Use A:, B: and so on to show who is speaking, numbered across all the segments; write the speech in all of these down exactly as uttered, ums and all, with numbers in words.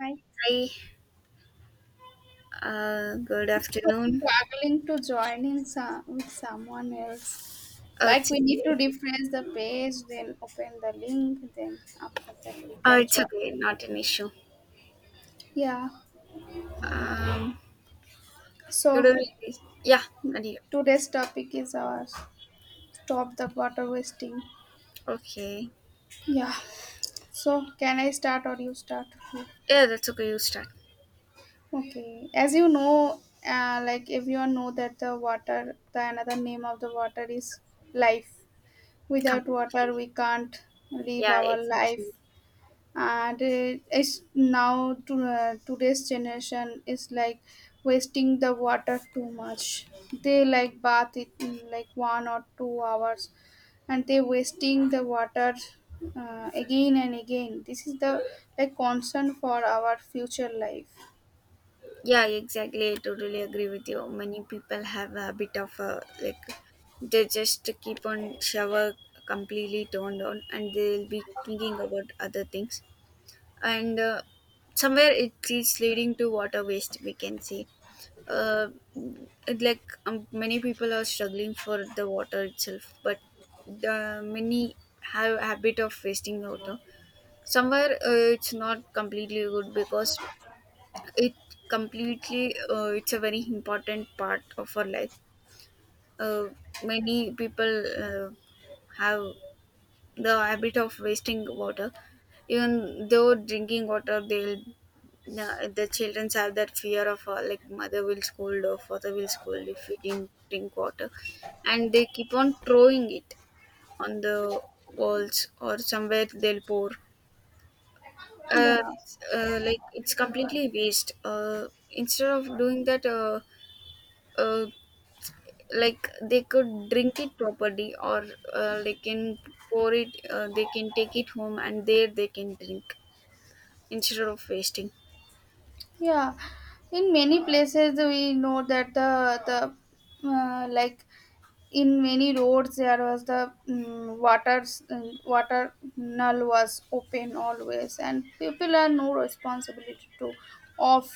A: I
B: Hi, uh, good
A: It's so
B: afternoon.
A: struggling to join in some, with someone else.
B: Uh,
A: Like we need to
B: today,
A: refresh the page, then open the link, then after that we
B: uh,
A: can
B: it's
A: join.
B: okay, not an issue.
A: Yeah.
B: Um, to
A: So
B: do this- yeah, continue.
A: today's topic is our stop the water wasting.
B: Okay,
A: Yeah. So can I start or you start?
B: yeah, that's okay. You start
A: Okay. As you know, uh, like everyone know that the water, the another name of the water is life. Without
B: completely.
A: water, we can't live
B: Yeah,
A: our life,
B: exactly.
A: and it is now to, uh, today's generation is like wasting the water too much. They like bath it in like one or two hours, and they wasting the water, uh, again and again. This is the like concern for our future life.
B: Yeah, exactly. I totally agree with you. Many people have a habit of uh, like they just keep on shower completely turned on, and they'll be thinking about other things, and uh, somewhere it is leading to water waste. We can see uh, it like um, many people are struggling for the water itself, but the many have a habit of wasting water somewhere. Uh, it's not completely good because it completely uh, it's a very important part of our life. uh, Many people uh, have the habit of wasting water. Even though drinking water, they'll the, the children have that fear of uh, like mother will scold or father will scold if we didn't drink water, and they keep on throwing it on the walls, or somewhere they'll pour. Uh,
A: Yeah,
B: it's, uh, like it's completely waste. Uh, instead of doing that, uh, uh, like they could drink it properly, or uh, they can pour it. Uh, they can take it home and there they can drink, instead of wasting.
A: yeah. In many places we know that the the uh, like in many roads there was the mm water, mm, water null was open always, and people are no responsibility to off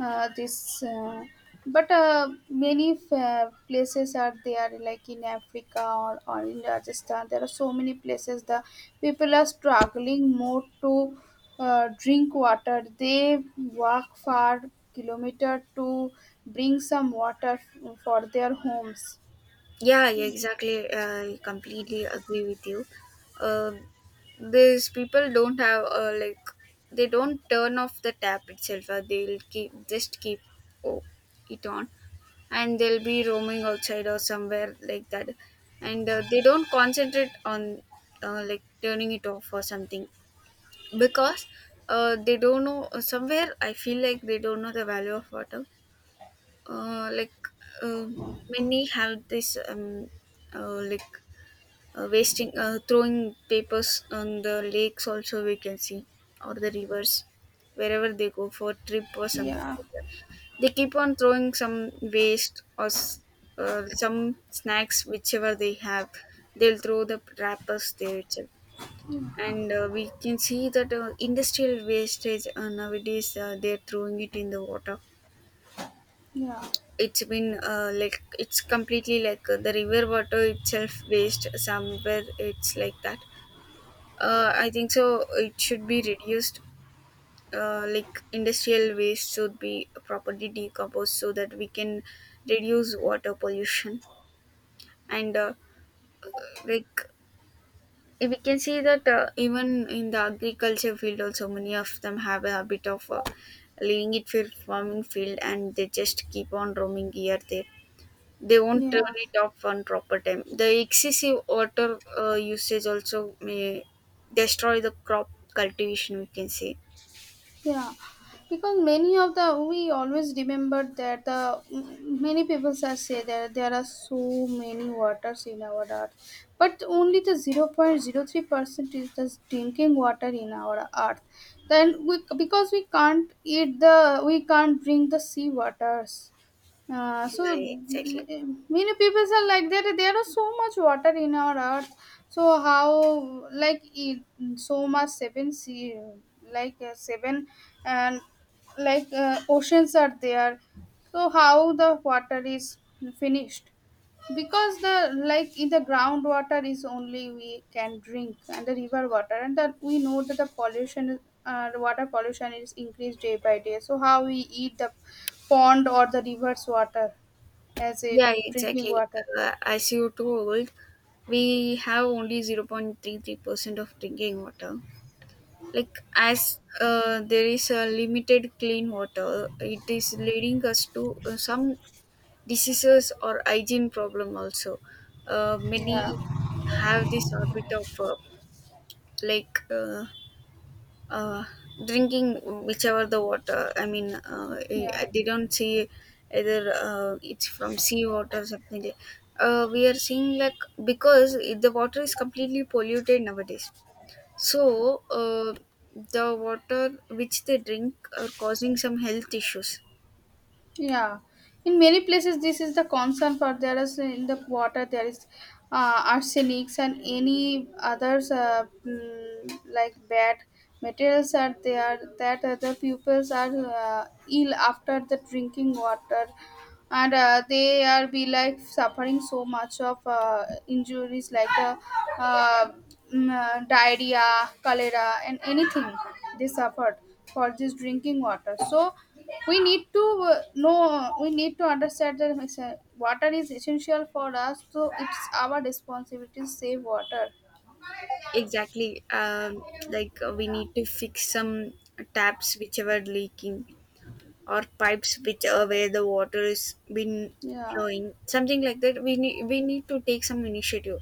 A: uh, this. Uh, but uh, many fa- places are there, like in Africa, or, or in Rajasthan. There are so many places the people are struggling more to uh, drink water. They walk far kilometer to bring some water f- for their homes.
B: Yeah, yeah, exactly. I completely agree with you. uh, these people don't have uh, like they don't turn off the tap itself. Uh, they'll keep, just keep, oh, it on, and they'll be roaming outside or somewhere like that. And uh, they don't concentrate on uh, like turning it off or something, because uh, they don't know. Somewhere I feel like they don't know the value of water. uh, like um Many have this um, uh, like uh, wasting, uh, throwing papers on the lakes also we can see, or the rivers, wherever they go for trip or something
A: Yeah,
B: like that. They keep on throwing some waste or s- uh, some snacks, whichever they have, they'll throw the wrappers there itself. And uh, we can see that uh, industrial wastage uh, nowadays uh, they're throwing it in the water.
A: yeah,
B: It's been uh, like it's completely like uh, the river water itself waste somewhere, it's like that. uh, I think so it should be reduced. Uh, like industrial waste should be properly decomposed, so that we can reduce water pollution. And uh, like eh, we can see that uh, even in the agriculture field also, many of them have a habit of uh, leaving it for farming field, and they just keep on roaming here there. They won't
A: yeah,
B: turn it off on proper time. The excessive water uh, usage also may destroy the crop cultivation, we can say.
A: yeah. Because many of the we always remember that the many people are say that there are so many waters in our earth, but only the zero point zero three percent is the drinking water in our earth. Then we because we can't eat the we can't drink the sea waters. Uh, so
B: Yeah, exactly.
A: eh, Many people are like that there is so much water in our earth, so how like it, so much seven sea, like uh, seven and like uh, oceans are there. So how the water is finished, because the like in the groundwater is only we can drink and the river water. And that we know that the pollution is- uh, the water pollution is increased day by day, so how we eat the pond or the river's water as a
B: Yeah,
A: drinking
B: exactly.
A: water.
B: Uh, as you told, we have only zero point three three percent of drinking water. Like as uh, there is a limited clean water, it is leading us to uh, some diseases or hygiene problem also. Uh, many
A: Yeah,
B: have this habit of uh, like uh, uh, drinking whichever the water. I mean, uh, eh,
A: yeah.
B: they don't see either uh, it's from sea water or something like- uh, we are seeing, like, because the water is completely polluted nowadays. So, uh, the water which they drink are causing some health issues.
A: Yeah, in many places this is the concern for there is in the water there is uh, arsenics and any others, uh, mm, like bad materials are there that other pupils are uh, ill after the drinking water. And uh, they are be like suffering so much of uh, injuries like the uh, mm, uh, diarrhea, cholera and anything they suffered for this drinking water. So we need to, uh, know we need to understand that it's, uh, water is essential for us, so it's our responsibility to save water.
B: Exactly. Um, like uh, we need to fix some taps which are leaking, or pipes which are where the water is been
A: Yeah,
B: flowing. Something like that. We need we need to take some initiative.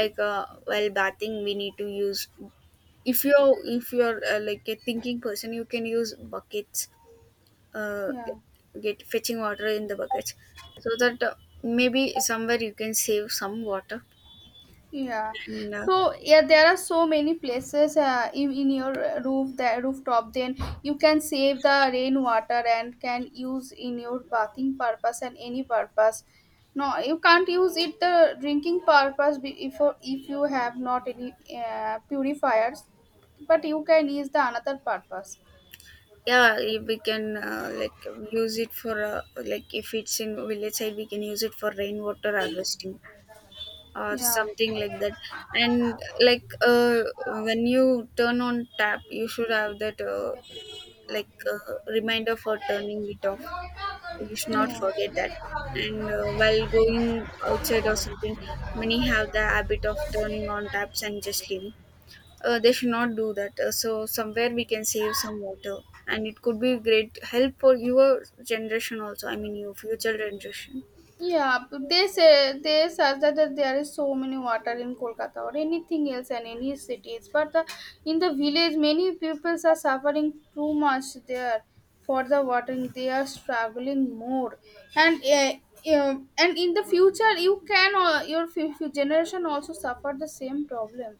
B: Like uh, while bathing, we need to use, if you're if you're uh, like a thinking person, you can use buckets. uh,
A: yeah.
B: get fetching water in the buckets, so that uh, maybe somewhere you can save some water.
A: Yeah.
B: And uh,
A: So yeah, there are so many places uh, in, in your roof, the rooftop. Then you can save the rainwater and can use in your bathing purpose and any purpose. No, you can't use it the drinking purpose, be- if if you have not any uh, purifiers, but you can use the another purpose.
B: yeah, if we can uh, like use it for uh, like if it's in village side, we can use it for rainwater harvesting or
A: Yeah.
B: something like that. And like uh, when you turn on tap, you should have that uh, like uh, reminder for turning it off. You should not forget that.
A: Yeah.
B: And uh, while going outside or something, many have the habit of turning on taps and just leaving. Uh, they should not do that. Uh, so somewhere we can save some water, and it could be great help for your generation also. I mean, your future generation.
A: Yeah, but they say they says that, that there is so many water in Kolkata or anything else and any cities, but the, in the village many peoples are suffering too much there for the watering. They are struggling more, and uh, um, and in the future you can uh, your fu- fu- generation also suffer the same problem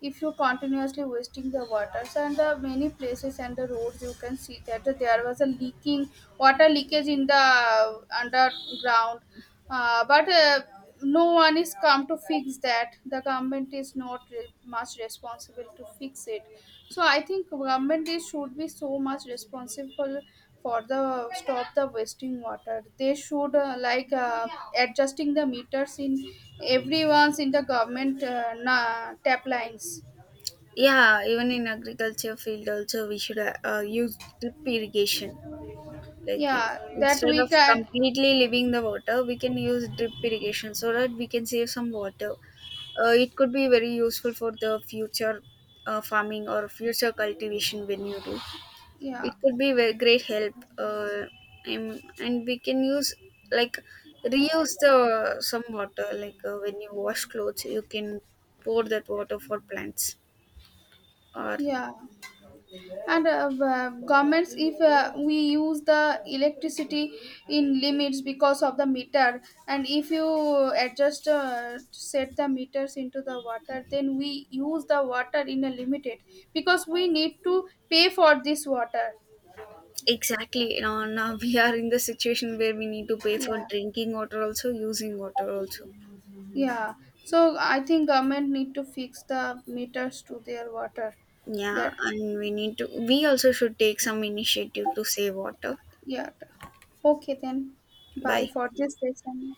A: if you continuously wasting the waters and the many places and the roads. You can see that there was a leaking water leakage in the underground, uh, but uh, no one is come to fix that. The government is not re- much responsible to fix it. So I think government is, should be so much responsible for the stop the wasting water. They should uh, like uh, adjusting the meters in everyone's, in the government uh, na- tap lines.
B: Yeah, even in agriculture field also, we should uh, uh, use drip irrigation. Like in,
A: Yeah, that
B: instead
A: we
B: of
A: can.
B: completely leaving the water, we can use drip irrigation so that we can save some water. Uh, it could be very useful for the future uh, farming or future cultivation. When you do, it
A: Yeah,
B: could be very great help. Uh, and, and we can use, like, reuse the some water. Like uh, when you wash clothes, you can pour that water for plants, or
A: yeah. And uh, uh, governments, if uh, we use the electricity in limits because of the meter, and if you adjust, uh, set the meters into the water, then we use the water in a limited because we need to pay for this water.
B: exactly. You know, now we are in the situation where we need to pay for
A: Yeah,
B: drinking water also, using water also.
A: yeah. So I think government need to fix the meters to their water
B: Yeah,
A: there.
B: and we need to we also should take some initiative to save water.
A: Yeah. Okay, then bye
B: Bye.
A: for this session.